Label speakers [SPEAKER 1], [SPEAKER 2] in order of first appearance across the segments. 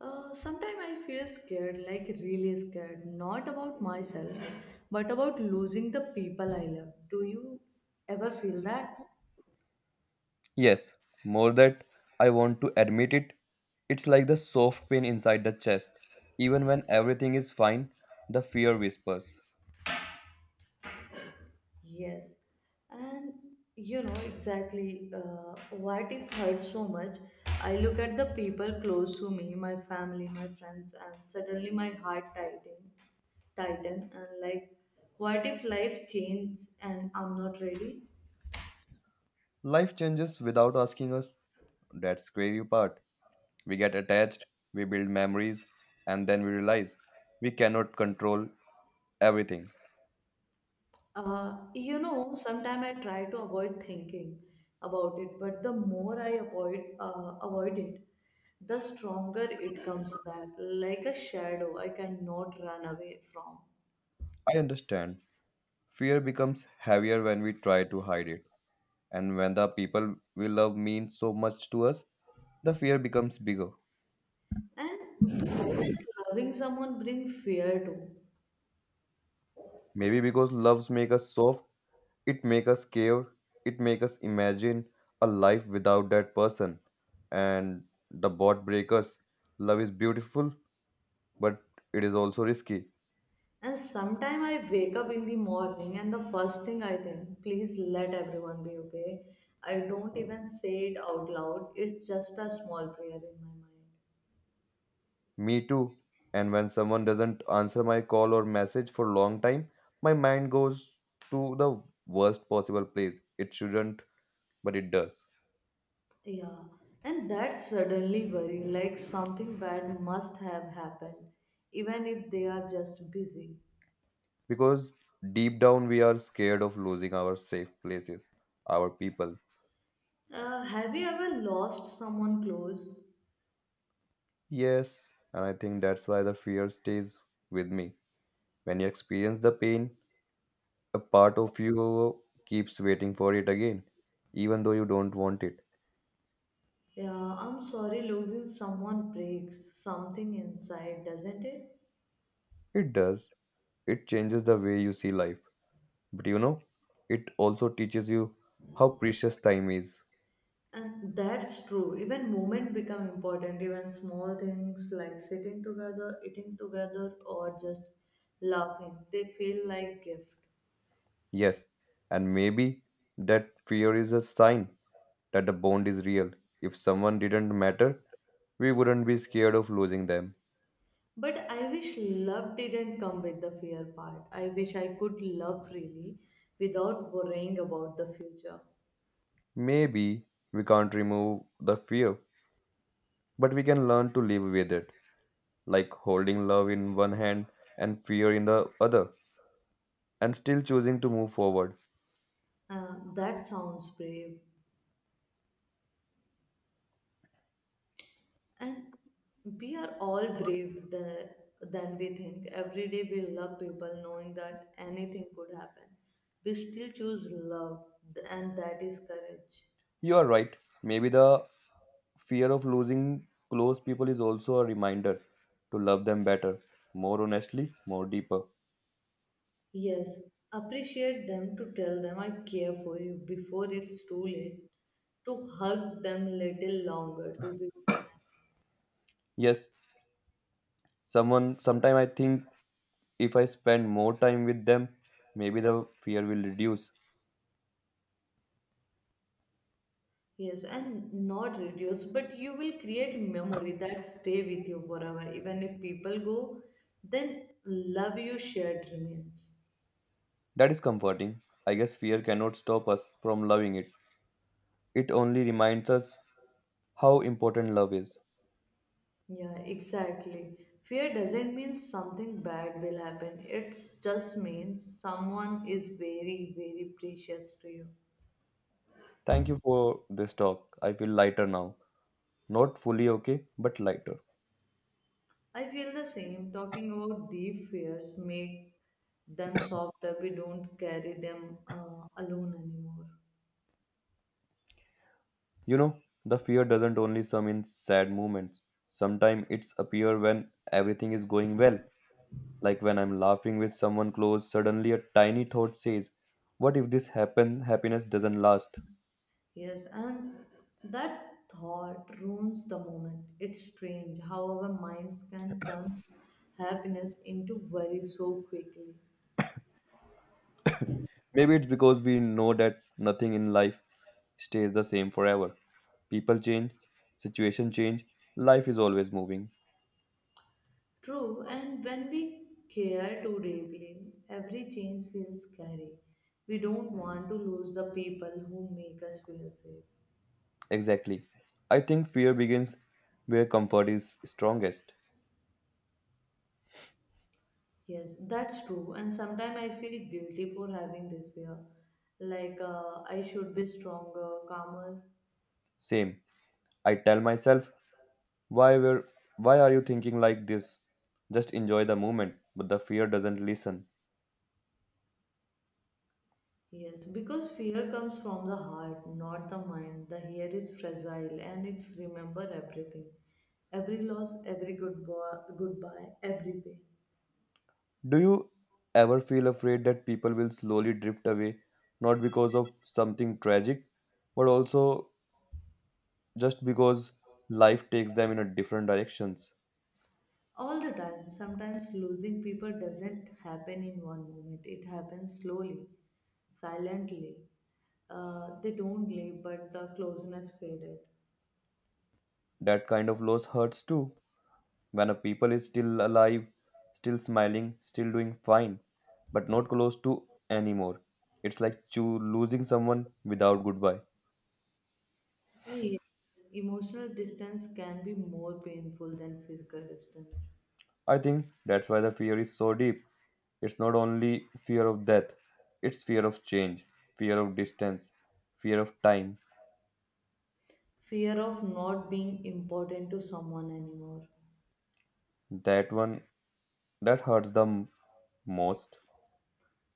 [SPEAKER 1] Sometimes I feel scared, like really scared, not about myself, but about losing the people I love. Do you ever feel that?
[SPEAKER 2] Yes, more that I want to admit it. It's like the soft pain inside the chest. Even when everything is fine, the fear whispers.
[SPEAKER 1] Yes. And you know exactly what if hurt so much. I look at the people close to me, my family, my friends, and suddenly my heart tightens, tighten, and like, what if life changes and I'm not ready?
[SPEAKER 2] Life changes without asking us. That's scary part. We get attached, we build memories, and then we realize we cannot control everything.
[SPEAKER 1] You know, sometimes I try to avoid thinking about it, but the more I avoid avoid it, the stronger it comes back, like a shadow I cannot run away from.
[SPEAKER 2] I understand. Fear becomes heavier when we try to hide it. And when the people we love mean so much to us, the fear becomes bigger.
[SPEAKER 1] And why does loving someone bring fear too?
[SPEAKER 2] Maybe because loves make us soft. It makes us care, it makes us imagine a life without that person. And the bot breakers, love is beautiful, but it is also risky.
[SPEAKER 1] And sometimes I wake up in the morning and the first thing I think, please let everyone be okay. I don't even say it out loud. It's just a small prayer in my mind.
[SPEAKER 2] Me too. And when someone doesn't answer my call or message for a long time, my mind goes to the worst possible place. It shouldn't, but it does.
[SPEAKER 1] Yeah, and that's suddenly worry, like something bad must have happened, even if they are just busy.
[SPEAKER 2] Because deep down we are scared of losing our safe places, our people.
[SPEAKER 1] Have you ever lost someone close?
[SPEAKER 2] Yes, and I think that's why the fear stays with me. When you experience the pain, a part of you keeps waiting for it again, even though you don't want it.
[SPEAKER 1] Yeah, I'm sorry, losing someone breaks something inside, doesn't it?
[SPEAKER 2] It does. It changes the way you see life. But you know, it also teaches you how precious time is.
[SPEAKER 1] And that's true. Even moment become important. Even small things like sitting together, eating together, or just laughing, they feel like gift.
[SPEAKER 2] Yes, and maybe that fear is a sign that the bond is real. If someone didn't matter, we wouldn't be scared of losing them.
[SPEAKER 1] But I wish love didn't come with the fear part. I wish I could love freely without worrying about the future.
[SPEAKER 2] Maybe we can't remove the fear, but we can learn to live with it, like holding love in one hand and fear in the other, and still choosing to move forward.
[SPEAKER 1] That sounds brave. And we are all than we think. Every day we love people knowing that anything could happen. We still choose love, and that is courage.
[SPEAKER 2] You are right. Maybe the fear of losing close people is also a reminder to love them better, more honestly, more deeper.
[SPEAKER 1] Yes, appreciate them to tell them I care for you before it's too late to hug them little longer to be present.
[SPEAKER 2] Yes, someone sometime I think if I spend more time with them, maybe the fear will reduce.
[SPEAKER 1] Yes, and not reduce, but you will create memory that stay with you forever. Even if people go, then love you shared remains.
[SPEAKER 2] That is comforting. I guess fear cannot stop us from loving it. It only reminds us how important love is.
[SPEAKER 1] Yeah, exactly. Fear doesn't mean something bad will happen. It just means someone is very, very precious to you.
[SPEAKER 2] Thank you for this talk. I feel lighter now. Not fully okay, but lighter.
[SPEAKER 1] I feel the same. Talking about deep fears make them softer. We don't carry them alone anymore.
[SPEAKER 2] You know, the fear doesn't only sum in sad moments. Sometimes it's appear when everything is going well. Like when I'm laughing with someone close, suddenly a tiny thought says, what if this happens happiness doesn't last?
[SPEAKER 1] Yes, and that thought ruins the moment. It's strange how our minds can turn happiness into worry so quickly.
[SPEAKER 2] Maybe it's because we know that nothing in life stays the same forever. People change, situation change, life is always moving.
[SPEAKER 1] True, and when we care too deeply, every change feels scary. We don't want to lose the people who make us feel safe.
[SPEAKER 2] Exactly. I think fear begins where comfort is strongest.
[SPEAKER 1] Yes, that's true. And sometimes I feel guilty for having this fear. Like I should be stronger, calmer.
[SPEAKER 2] Same. I tell myself, Why were why are you thinking like this? Just enjoy the moment, but the fear doesn't listen.
[SPEAKER 1] Yes, because fear comes from the heart, not the mind. The hair is fragile and it's remember everything. Every loss, every goodbye, every pain.
[SPEAKER 2] Do you ever feel afraid that people will slowly drift away, not because of something tragic, but also just because life takes them in a different directions?
[SPEAKER 1] All the time. Sometimes losing people doesn't happen in one moment. It happens slowly, silently. They don't leave, but the closeness faded.
[SPEAKER 2] That kind of loss hurts too. When a people is still alive, still smiling, still doing fine, but not close to anymore. It's like losing someone without goodbye.
[SPEAKER 1] The e, Emotional distance can be more painful than physical distance.
[SPEAKER 2] I think that's why the fear is so deep. It's not only fear of death, it's fear of change, fear of distance, fear of time.
[SPEAKER 1] Fear of not being important to someone anymore.
[SPEAKER 2] That one, that hurts the most.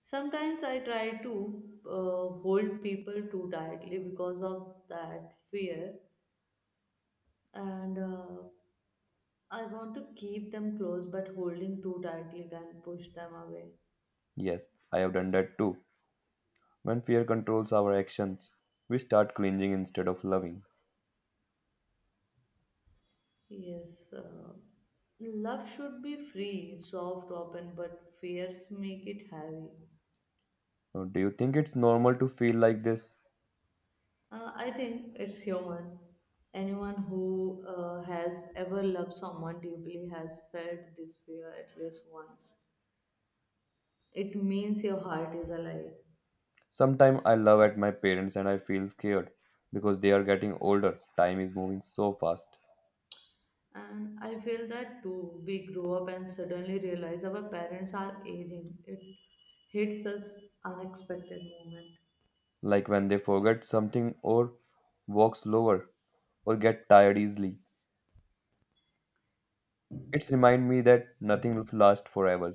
[SPEAKER 1] Sometimes I try to hold people too tightly because of that fear, and I want to keep them close, but holding too tightly can push them away.
[SPEAKER 2] Yes, I have done that too. When fear controls our actions, we start clinging instead of loving.
[SPEAKER 1] Yes, love should be free, soft, open, but fears make it heavy.
[SPEAKER 2] So do you think it's normal to feel like this?
[SPEAKER 1] I think it's human. Anyone who has ever loved someone deeply has felt this fear at least once. It means your heart is alive.
[SPEAKER 2] Sometimes I love at my parents and I feel scared because they are getting older. Time is moving so fast.
[SPEAKER 1] And I feel that too. We grow up and suddenly realize our parents are aging. It hits us unexpected moment.
[SPEAKER 2] Like when they forget something or walk slower or get tired easily. It's remind me that nothing will last forever.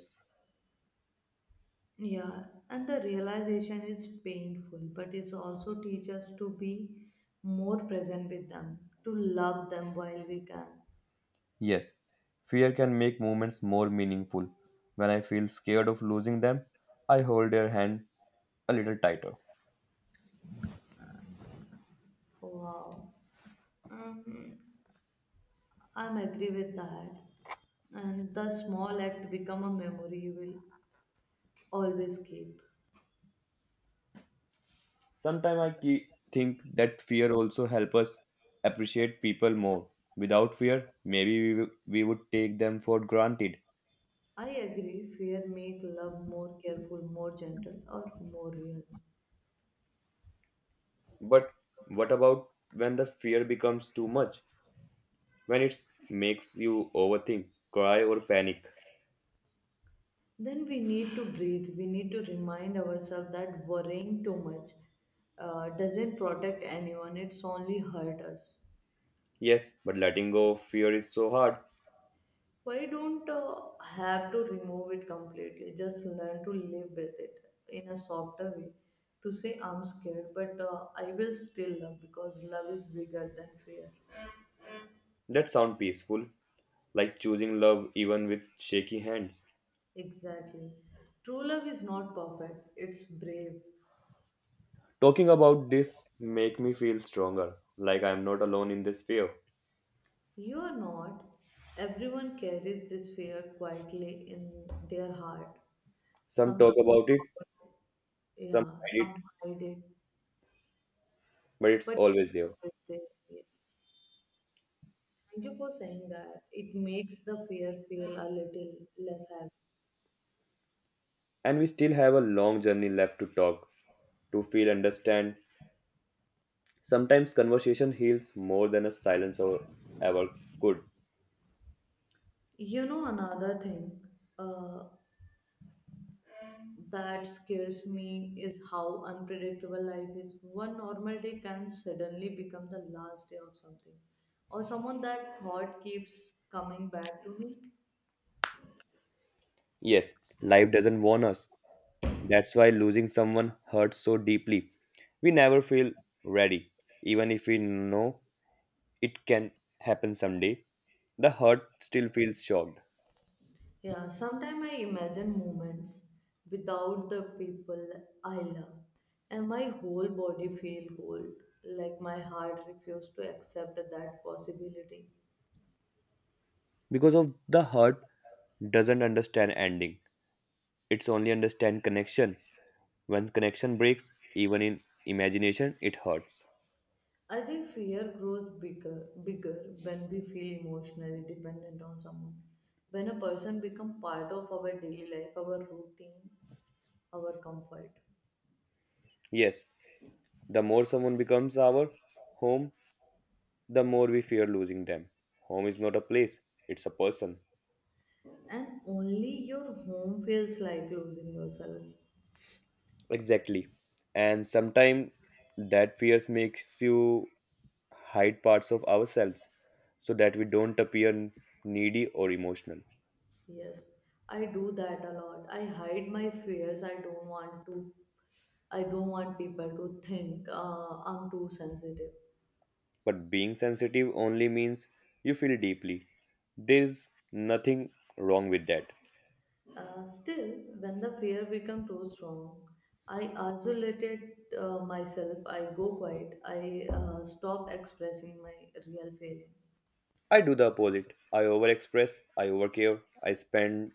[SPEAKER 1] Yeah, and the realization is painful, but it also teaches us to be more present with them, to love them while we can.
[SPEAKER 2] Yes, fear can make moments more meaningful. When I feel scared of losing them, I hold their hand a little tighter.
[SPEAKER 1] Wow. Um, I'm agree with that. And the small act become a memory you will always keep.
[SPEAKER 2] Sometimes I keep, think that fear also help us appreciate people more. Without fear, maybe we, we would take them for granted.
[SPEAKER 1] I agree, fear make love more careful, more gentle, or more real.
[SPEAKER 2] But what about when the fear becomes too much? When it makes you overthink, cry, or panic.
[SPEAKER 1] Then we need to breathe. We need to remind ourselves that worrying too much doesn't protect anyone, it's only hurt us.
[SPEAKER 2] Yes, but letting go of fear is so hard.
[SPEAKER 1] Why don't have to remove it completely? Just learn to live with it in a softer way. To say I'm scared, but I will still love because love is bigger than fear.
[SPEAKER 2] That sounds peaceful, like choosing love even with shaky hands.
[SPEAKER 1] Exactly. True love is not perfect, it's brave.
[SPEAKER 2] Talking about this make me feel stronger, like I'm not alone in this fear.
[SPEAKER 1] You are not. Everyone carries this fear quietly in their heart.
[SPEAKER 2] Some
[SPEAKER 1] Some
[SPEAKER 2] talk
[SPEAKER 1] talk
[SPEAKER 2] about it,
[SPEAKER 1] about it,
[SPEAKER 2] some
[SPEAKER 1] yeah,
[SPEAKER 2] hide it,
[SPEAKER 1] some hide it,
[SPEAKER 2] but it's
[SPEAKER 1] but
[SPEAKER 2] always
[SPEAKER 1] it's
[SPEAKER 2] there.
[SPEAKER 1] always there. Yes. Thank you for saying that. It makes the fear feel a little less heavy.
[SPEAKER 2] And we still have a long journey left to talk, to feel, understand. Sometimes conversation heals more than a silence or ever could.
[SPEAKER 1] You know, another thing uh, that scares me is how unpredictable life is. One normal day can suddenly become the last day of something, or someone that thought keeps coming back to me.
[SPEAKER 2] Yes, life doesn't warn us. That's why losing someone hurts so deeply. We never feel ready, even if we know it can happen someday. The hurt still feels shocked
[SPEAKER 1] Yeah, sometimes I imagine moments without the people I love, and my whole body feel cold, like my heart refused to accept that possibility.
[SPEAKER 2] because of the hurt doesn't understand ending. It's only understand connection. When connection breaks, even in imagination, it hurts.
[SPEAKER 1] I think fear grows bigger when we feel emotionally dependent on someone. When a person becomes part of our daily life, our routine, our comfort,
[SPEAKER 2] Yes, the more someone becomes our home, the more we fear losing them. Home is not a place; it's a person.
[SPEAKER 1] and only your home feels like losing yourself.
[SPEAKER 2] Exactly. And sometimes that fears makes you hide parts of ourselves so that we don't appear needy or emotional.
[SPEAKER 1] Yes, I do that a lot. I hide my fears. I don't want to. I don't want people to think I'm too sensitive.
[SPEAKER 2] But being sensitive only means you feel deeply. There's nothing wrong with that.
[SPEAKER 1] Still, when the fear becomes too strong, I isolated myself. I go quiet. I stop expressing my real feeling.
[SPEAKER 2] I do the opposite. I overexpress, I overcare, I spend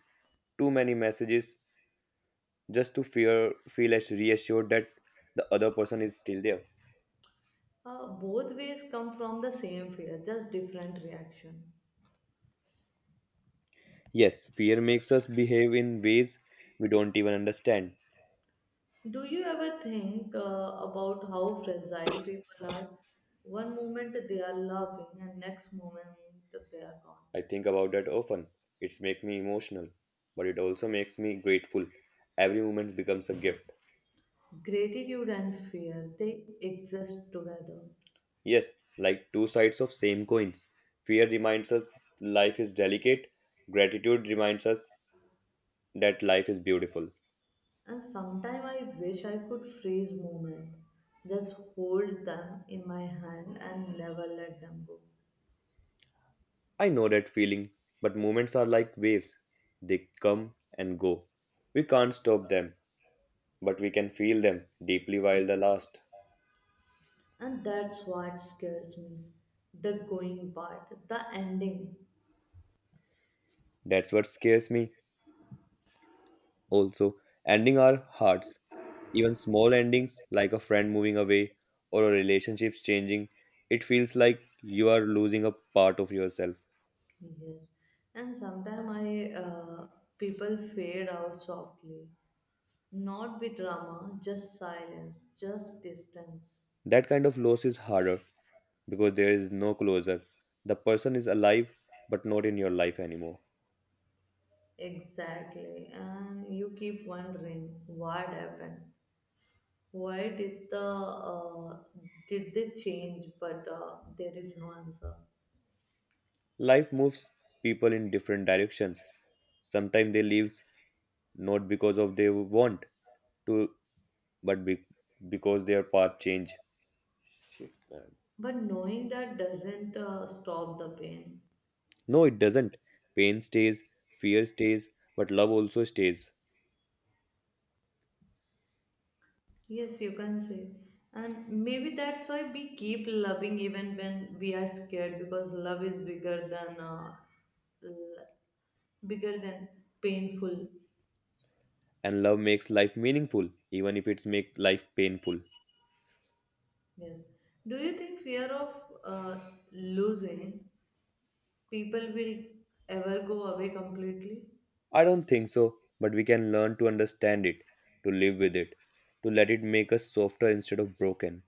[SPEAKER 2] too many messages just to fear feel as reassured that the other person is still there.
[SPEAKER 1] Both ways come from the same fear, just different reaction.
[SPEAKER 2] Yes, fear makes us behave in ways we don't even understand.
[SPEAKER 1] Do you ever think about how fragile people are? One moment they are loving, and next moment they are gone.
[SPEAKER 2] I think about that often. It's make me emotional, but it also makes me grateful. Every moment becomes a gift.
[SPEAKER 1] Gratitude and fear they exist together,
[SPEAKER 2] Yes, like two sides of same coins. Fear reminds us life is delicate. Gratitude reminds us that life is beautiful.
[SPEAKER 1] and sometimes I wish I could freeze moment, just hold them in my hand and never let them go.
[SPEAKER 2] I know that feeling, but moments are like waves. They come and go. We can't stop them, but we can feel them deeply while they last.
[SPEAKER 1] And that's what scares me the going part, the ending.
[SPEAKER 2] That's what scares me. Also, ending our hearts, even small endings like a friend moving away or a relationship changing, it feels like you are losing a part of yourself.
[SPEAKER 1] Yes. And sometimes I people fade out softly. Not with drama, just silence, just distance.
[SPEAKER 2] That kind of loss is harder because there is no closure. The person is alive but not in your life anymore.
[SPEAKER 1] Exactly. And you keep wondering what happened. Why did the Did they change? But there is no answer.
[SPEAKER 2] Life moves people in different directions. Sometimes they leave not because of they want to, but because their path change. Shit, man.
[SPEAKER 1] But knowing that doesn't stop the pain.
[SPEAKER 2] No, it doesn't. Pain stays, fear stays, but love also stays.
[SPEAKER 1] Yes, you can say. And maybe that's why we keep loving even when we are scared because love is bigger than l- bigger than painful.
[SPEAKER 2] And love makes life meaningful, even if it's make life painful.
[SPEAKER 1] Yes. Do you think fear of uh, losing people will ever go away completely?
[SPEAKER 2] I don't think so, but we can learn to understand it, to live with it, to let it make us softer instead of broken.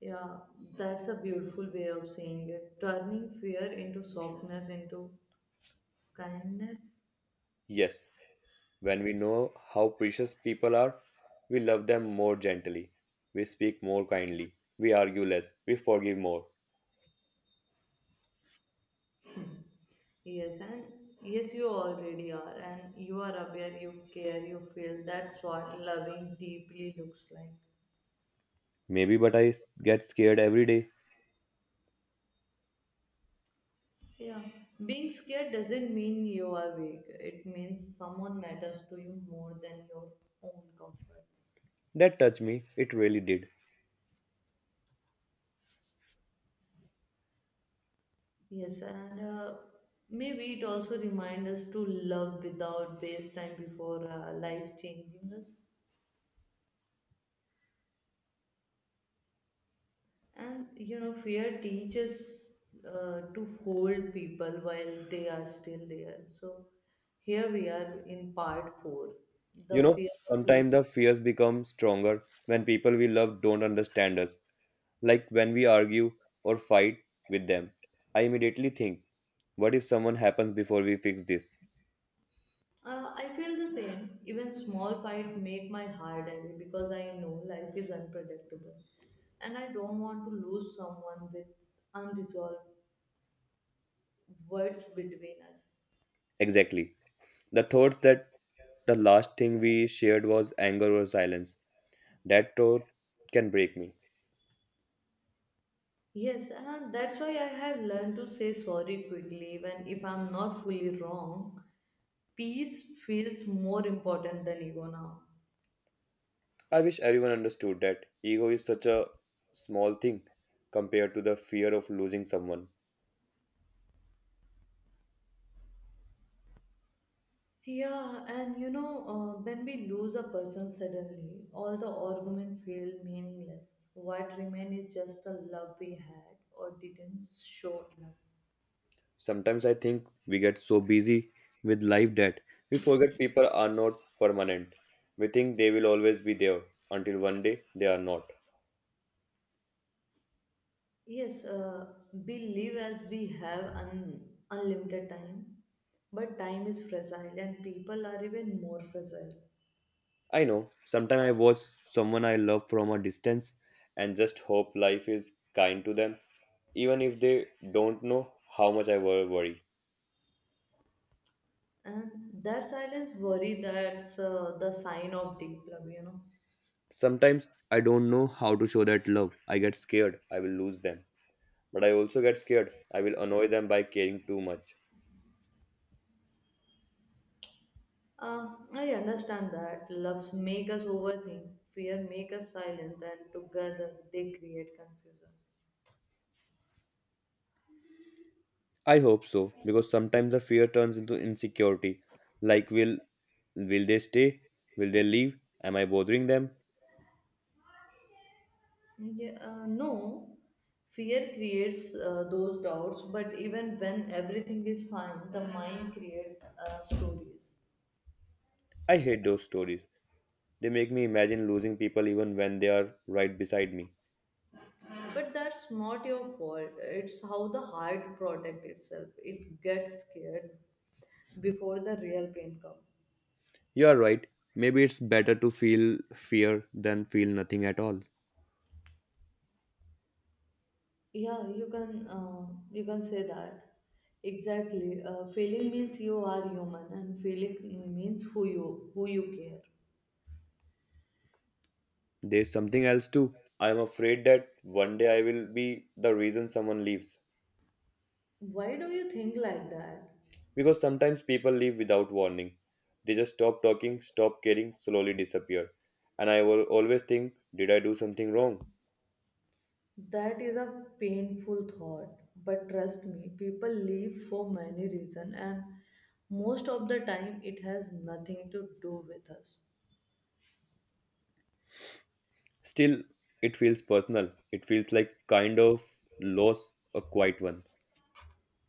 [SPEAKER 1] Yeah, that's a beautiful way of saying it. Turning fear into softness, into kindness.
[SPEAKER 2] Yes, when we know how precious people are, we love them more gently. We speak more kindly. We argue less. We forgive more.
[SPEAKER 1] Yes, and yes, you already are, and you are aware, you care, you feel. That's what loving deeply looks like.
[SPEAKER 2] Maybe, but get scared every day.
[SPEAKER 1] Yeah, being scared doesn't mean you are weak, it means someone matters to you more than your own comfort.
[SPEAKER 2] That touched me. It really did.
[SPEAKER 1] Yes, and maybe it also reminds us to love without waste time before life changing us. And you know, fear teaches to hold people while they are still there. So here we are in part four,
[SPEAKER 2] You
[SPEAKER 1] the
[SPEAKER 2] know,
[SPEAKER 1] fear of
[SPEAKER 2] sometimes the
[SPEAKER 1] losing.
[SPEAKER 2] fears become stronger when people we love don't understand us, like when we argue or fight with them. I immediately think, what if someone happens before we fix this?
[SPEAKER 1] I feel the same. Even small fight make my heart heavy because I know life is unpredictable, and I don't want to lose someone with unresolved words between us.
[SPEAKER 2] Exactly. The thoughts that the last thing we shared was anger or silence. That thought can break me.
[SPEAKER 1] Yes, and that's why I have learned to say sorry quickly, even if I'm not fully wrong. Peace feels more important than ego now.
[SPEAKER 2] I wish everyone understood that ego is such a small thing compared to the fear of losing someone.
[SPEAKER 1] Yeah, and you know, when we lose a person suddenly, all the argument feel meaningless. What remains is just the love we had or didn't show enough.
[SPEAKER 2] Sometimes I think we get so busy with life that we forget people are not permanent. We think they will always be there until one day they are not.
[SPEAKER 1] Yes, we live as we have unlimited time, but time is fragile and people are even more fragile.
[SPEAKER 2] I know, sometimes I watch someone I love from a distance and just hope life is kind to them, even if they don't know how much I worry.
[SPEAKER 1] And that silence worry that's the sign of deep love, you know.
[SPEAKER 2] Sometimes I don't know how to show that love. I get scared I will lose them. But I also get scared I will annoy them by caring too much.
[SPEAKER 1] Uh, I understand that loves make us overthink, fear make us silent, and together they create confusion.
[SPEAKER 2] I hope so, because sometimes the fear turns into insecurity. Like, will they stay? Will they leave? Am I bothering them?
[SPEAKER 1] Yeah, no, fear creates those doubts, but even when everything is fine, the mind creates stories.
[SPEAKER 2] I hate those stories. They make me imagine losing people even when they are right beside me.
[SPEAKER 1] But that's not your fault. It's how the heart protects itself. It gets scared before the real pain comes.
[SPEAKER 2] You are right. Maybe it's better to feel fear than feel nothing at all.
[SPEAKER 1] Yeah, you can say that. Exactly. Failing means you are human, and failing means who you care.
[SPEAKER 2] There's something else too. I'm afraid that one day I will be the reason someone leaves.
[SPEAKER 1] Why do you think like that?
[SPEAKER 2] Because sometimes people leave without warning. They just stop talking, stop caring, slowly disappear. And I will always think, did I do something wrong?
[SPEAKER 1] That is a painful thought, but trust me, people leave for many reasons, and most of the time it has nothing to do with us.
[SPEAKER 2] Still, it feels personal. It feels like kind of loss, a quiet one.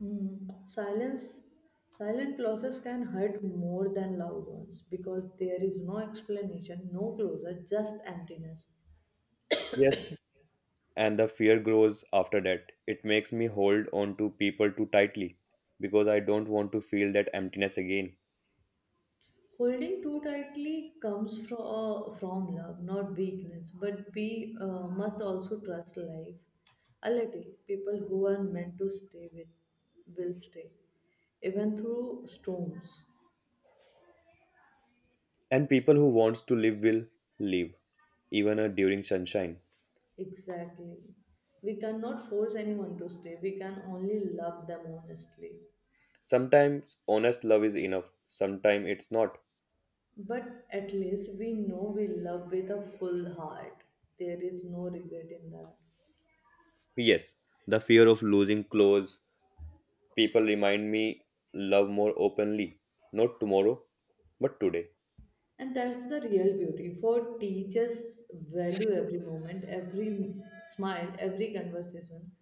[SPEAKER 1] Mm. Silence, silent clauses can hurt more than loud ones because there is no explanation, no closure, just emptiness.
[SPEAKER 2] Yes. And the fear grows after that. It makes me hold on to people too tightly because I don't want to feel that emptiness again.
[SPEAKER 1] Holding too tightly comes from love, not weakness. But we must also trust life a little. People who are meant to stay with will stay, even through storms.
[SPEAKER 2] And people who wants to live will live, even during sunshine.
[SPEAKER 1] Exactly. We cannot force anyone to stay. We can only love them honestly.
[SPEAKER 2] Sometimes honest love is enough, sometimes it's not.
[SPEAKER 1] But at least we know we love with a full heart. There is no regret in that.
[SPEAKER 2] Yes, the fear of losing clothes. People remind me love more openly. Not tomorrow, but today.
[SPEAKER 1] And that's the real beauty. For teachers value every moment, every smile, every conversation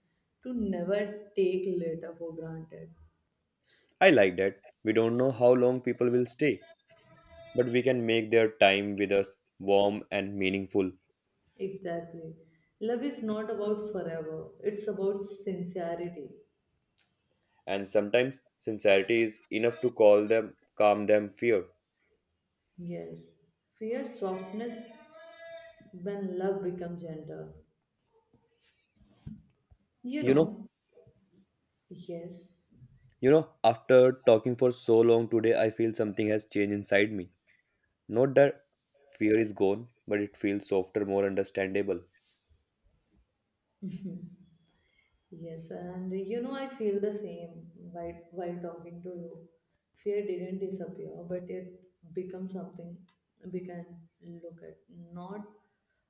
[SPEAKER 1] to never take later for granted.
[SPEAKER 2] I like that. We don't know how long people will stay, but we can make their time with us warm and meaningful.
[SPEAKER 1] Exactly. Love is not about forever, it's about sincerity.
[SPEAKER 2] And sometimes sincerity is enough to call them, calm them fear.
[SPEAKER 1] Yes. Fear softness when love becomes gender. You
[SPEAKER 2] You know,
[SPEAKER 1] know, yes.
[SPEAKER 2] after talking for so long today, I feel something has changed inside me. Not that fear is gone, but it feels softer, more understandable.
[SPEAKER 1] Yes, and you know, I feel the same while talking to you. Fear didn't disappear, but it becomes something we can look at, not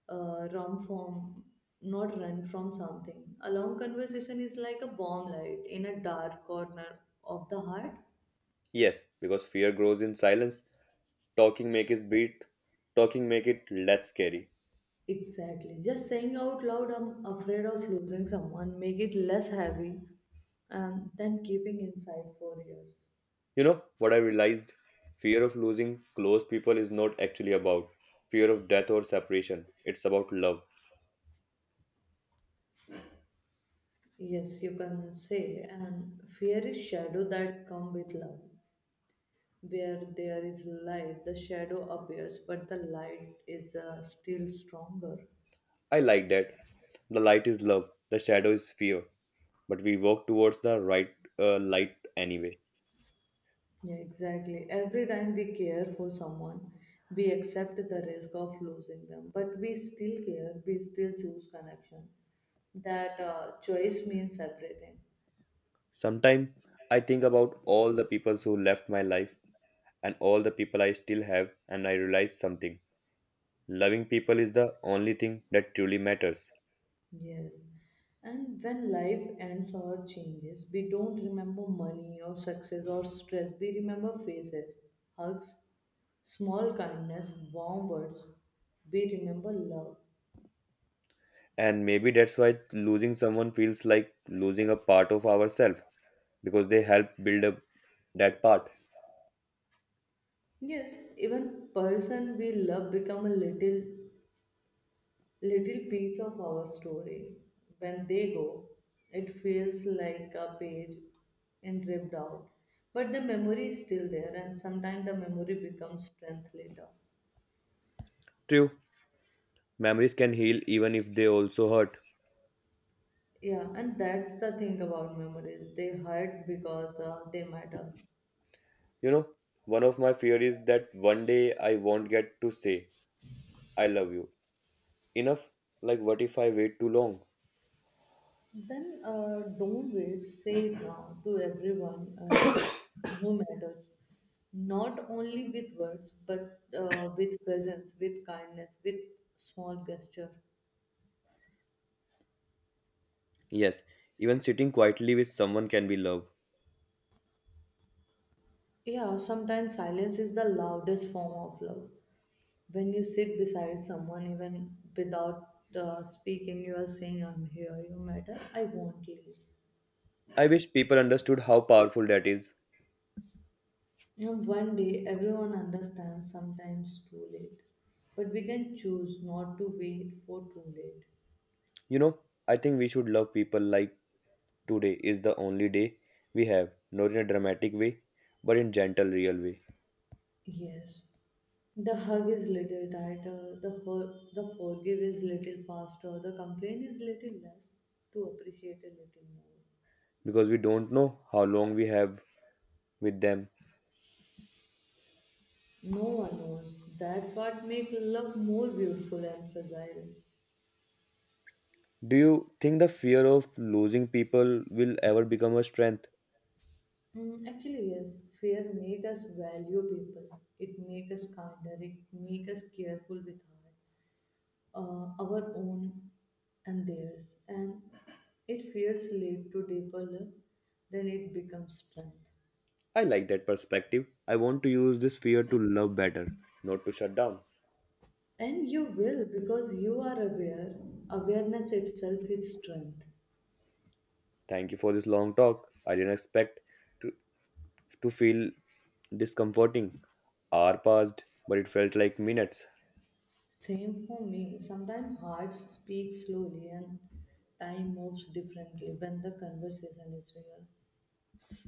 [SPEAKER 1] run from, not run from something. A long conversation is like a warm light in a dark corner of the heart.
[SPEAKER 2] Yes, because fear grows in silence. Talking make is beat. Talking make it less scary.
[SPEAKER 1] Exactly. Just saying out loud, I'm afraid of losing someone, make it less heavy, and then keeping inside for years.
[SPEAKER 2] You know what I realized? Fear of losing close people is not actually about fear of death or separation, it's about love.
[SPEAKER 1] Yes, you can say, and fear is shadow that come with love. Where there is light, the shadow appears, but the light is still stronger.
[SPEAKER 2] I like that. The light is love, the shadow is fear, but we walk towards the right light anyway.
[SPEAKER 1] Yeah, exactly. Every time we care for someone, we accept the risk of losing them, but we still care. We still choose connection. That choice means everything.
[SPEAKER 2] Sometimes I think about all the people who left my life and all the people I still have, and I realize something. Loving people is the only thing that truly matters.
[SPEAKER 1] Yes. And when life ends or changes, we don't remember money or success or stress. We remember faces, hugs, small kindness, warm words. We remember love.
[SPEAKER 2] And maybe that's why losing someone feels like losing a part of ourselves, because they help build up that part.
[SPEAKER 1] Yes, even person we love become a little piece of our story. When they go, it feels like a page and ripped out. But the memory is still there and sometimes the memory becomes strength later.
[SPEAKER 2] True, memories can heal even if they also hurt.
[SPEAKER 1] Yeah, and that's the thing about memories. They hurt because they matter.
[SPEAKER 2] You know, one of my fear is that one day I won't get to say I love you enough. Like what if I wait too long?
[SPEAKER 1] Then don't wait. Say it now to everyone who matters. Not only with words, but with presence, with kindness, with small gesture.
[SPEAKER 2] Yes, even sitting quietly with someone can be love.
[SPEAKER 1] Yeah, sometimes silence is the loudest form of love. When you sit beside someone, even without speaking, you are saying, I'm here, you matter, I won't leave.
[SPEAKER 2] I wish people understood how powerful that is.
[SPEAKER 1] And one day everyone understands, sometimes too late. But we can choose not to wait for too late.
[SPEAKER 2] You know, I think we should love people like today is the only day we have, not in a dramatic way, but in gentle, real way,
[SPEAKER 1] Yes. The hug is little tighter, the hurt, the forgive is little faster, the complaint is little less, to appreciate a little more.
[SPEAKER 2] because we don't know how long we have with them.
[SPEAKER 1] No one knows. That's what makes love more beautiful and fragile.
[SPEAKER 2] Do you think the fear of losing people will ever become a strength?
[SPEAKER 1] Mm, actually, yes. Fear make us value people. It make us kinder. It make us careful with heart. Our own and theirs, and it feels lead to deeper love, then it becomes strength.
[SPEAKER 2] I like that perspective. I want to use this fear to love better, not to shut down.
[SPEAKER 1] And you will because you are aware. Awareness itself is strength.
[SPEAKER 2] Thank you for this long talk. I didn't expect to, to feel discomforting. Hour passed, but it felt like minutes.
[SPEAKER 1] Same for me. Sometimes hearts speak slowly and time moves differently when the conversation is real.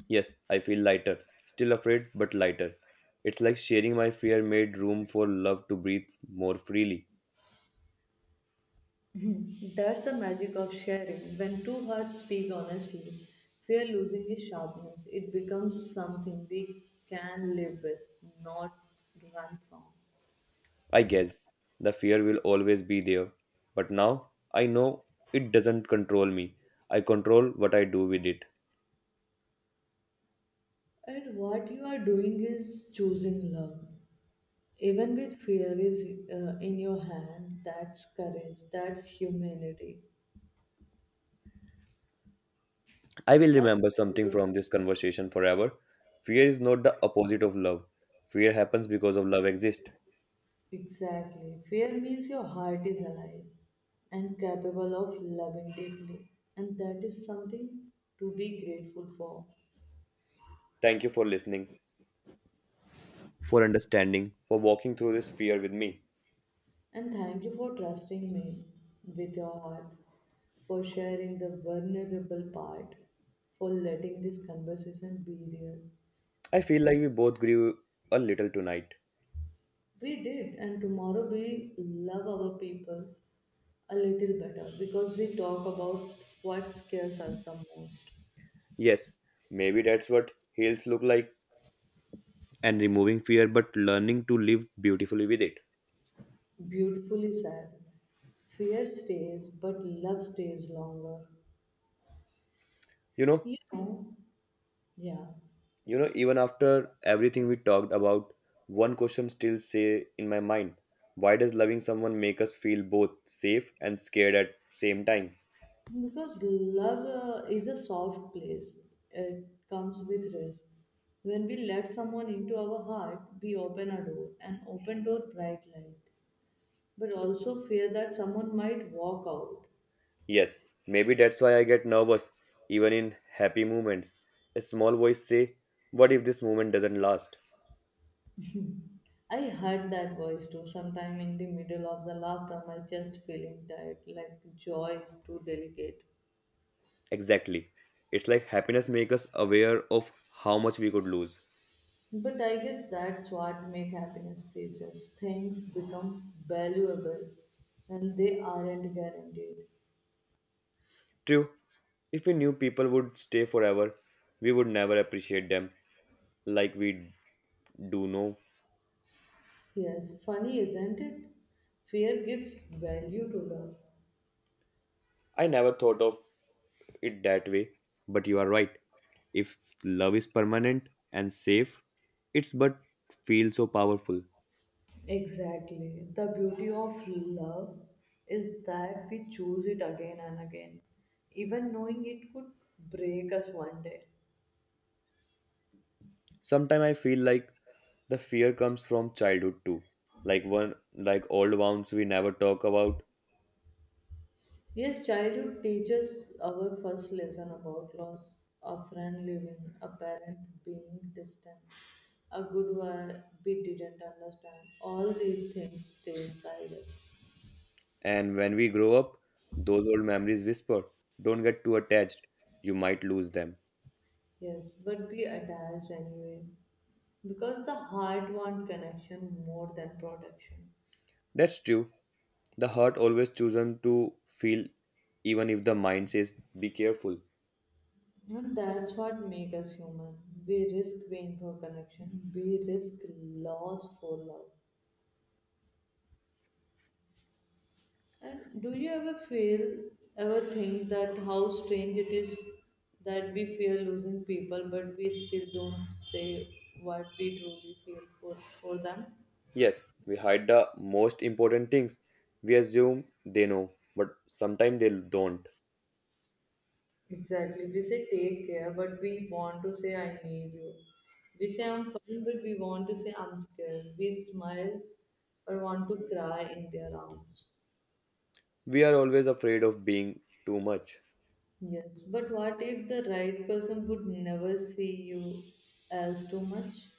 [SPEAKER 2] Yes, I feel lighter. Still afraid, but lighter. It's like sharing my fear made room for love to breathe more freely.
[SPEAKER 1] That's the magic of sharing. When two hearts speak honestly, fear losing its sharpness. It becomes something we can live with, not run from.
[SPEAKER 2] I guess the fear will always be there, but now I know it doesn't control me. I control what I do with it.
[SPEAKER 1] And what you are doing is choosing love. Even with fear is in your hand, that's courage, that's humanity.
[SPEAKER 2] I will remember something
[SPEAKER 1] I-
[SPEAKER 2] from this conversation forever. Fear is not the opposite of love. Fear happens because of love exists.
[SPEAKER 1] Exactly. Fear means your heart is alive and capable of loving deeply, and that is something to be grateful for.
[SPEAKER 2] Thank you for listening, for understanding, for walking through this fear with me.
[SPEAKER 1] And thank you for trusting me with your heart, for sharing the vulnerable part, for letting this conversation be real.
[SPEAKER 2] I feel like we both grew a little tonight.
[SPEAKER 1] We did, and tomorrow we love our people a little better because we talk about what scares us the most.
[SPEAKER 2] Yes, maybe that's what heals look like, and removing fear but learning to live beautifully with it.
[SPEAKER 1] Beautifully said. Fear stays, but love stays longer.
[SPEAKER 2] You know,
[SPEAKER 1] You know, yeah.
[SPEAKER 2] you know even after everything we talked about, one question still say in my mind. Why does loving someone make us feel both safe and scared at same time?
[SPEAKER 1] Because love is a soft place, it comes with risk. When we let someone into our heart, we open a door, an open door, bright light, but also fear that someone might walk out.
[SPEAKER 2] Yes, maybe that's why I get nervous even in happy moments. A small voice say, what if this moment doesn't last?
[SPEAKER 1] I heard that voice too, sometime in the middle of the laughter, my chest feeling tight, like joy is too delicate.
[SPEAKER 2] Exactly. It's like happiness make us aware of how much we could lose.
[SPEAKER 1] But I guess that's what make happiness precious. Things become valuable and they aren't guaranteed.
[SPEAKER 2] True, if we knew people would stay forever, we would never appreciate them like we do now.
[SPEAKER 1] Yes, funny, isn't it? Fear gives value to love.
[SPEAKER 2] I never thought of it that way, but you are right. If love is permanent and safe, it's but feels so powerful.
[SPEAKER 1] Exactly. The beauty of love is that we choose it again and again, even knowing it could break us one day.
[SPEAKER 2] Sometimes I feel like the fear comes from childhood too. Like one like old wounds we never talk about.
[SPEAKER 1] Yes, childhood teaches our first lesson about loss, a friend leaving, a parent being distant, a good wife we didn't understand. All these things stay inside us.
[SPEAKER 2] And when we grow up, those old memories whisper, don't get too attached, you might lose them.
[SPEAKER 1] Yes, but we attached anyway, because the heart wants connection more than protection,
[SPEAKER 2] That's true. The heart always chosen to feel, even if the mind says, be careful.
[SPEAKER 1] and that's what makes us human. We risk pain for connection, we risk loss for love. And do you ever feel, ever think that how strange it is that we fear losing people but we still don't say what we truly feel for them?
[SPEAKER 2] Yes, we hide the most important things. We assume they know, but sometimes they don't.
[SPEAKER 1] Exactly. We say take care, but we want to say I need you. We say I'm fine, but we want to say I'm scared. We smile or want to cry in their arms.
[SPEAKER 2] We are always afraid of being too much.
[SPEAKER 1] Yes, but what if the right person would never see you as too much?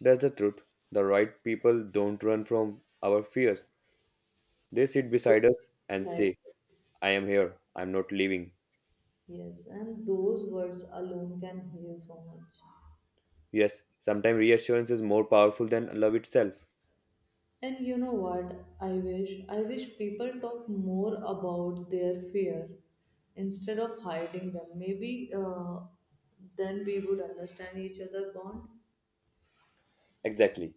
[SPEAKER 2] That's the truth. The right people don't run from our fears. They sit
[SPEAKER 1] They
[SPEAKER 2] beside us and
[SPEAKER 1] decide.
[SPEAKER 2] say, I am here, I am not leaving.
[SPEAKER 1] Yes, and those words alone can heal so much.
[SPEAKER 2] Yes, sometimes reassurance is more powerful than love itself.
[SPEAKER 1] And you know what? I wish people talk more about their fear instead of hiding them. Maybe then we would understand each other more.
[SPEAKER 2] Exactly.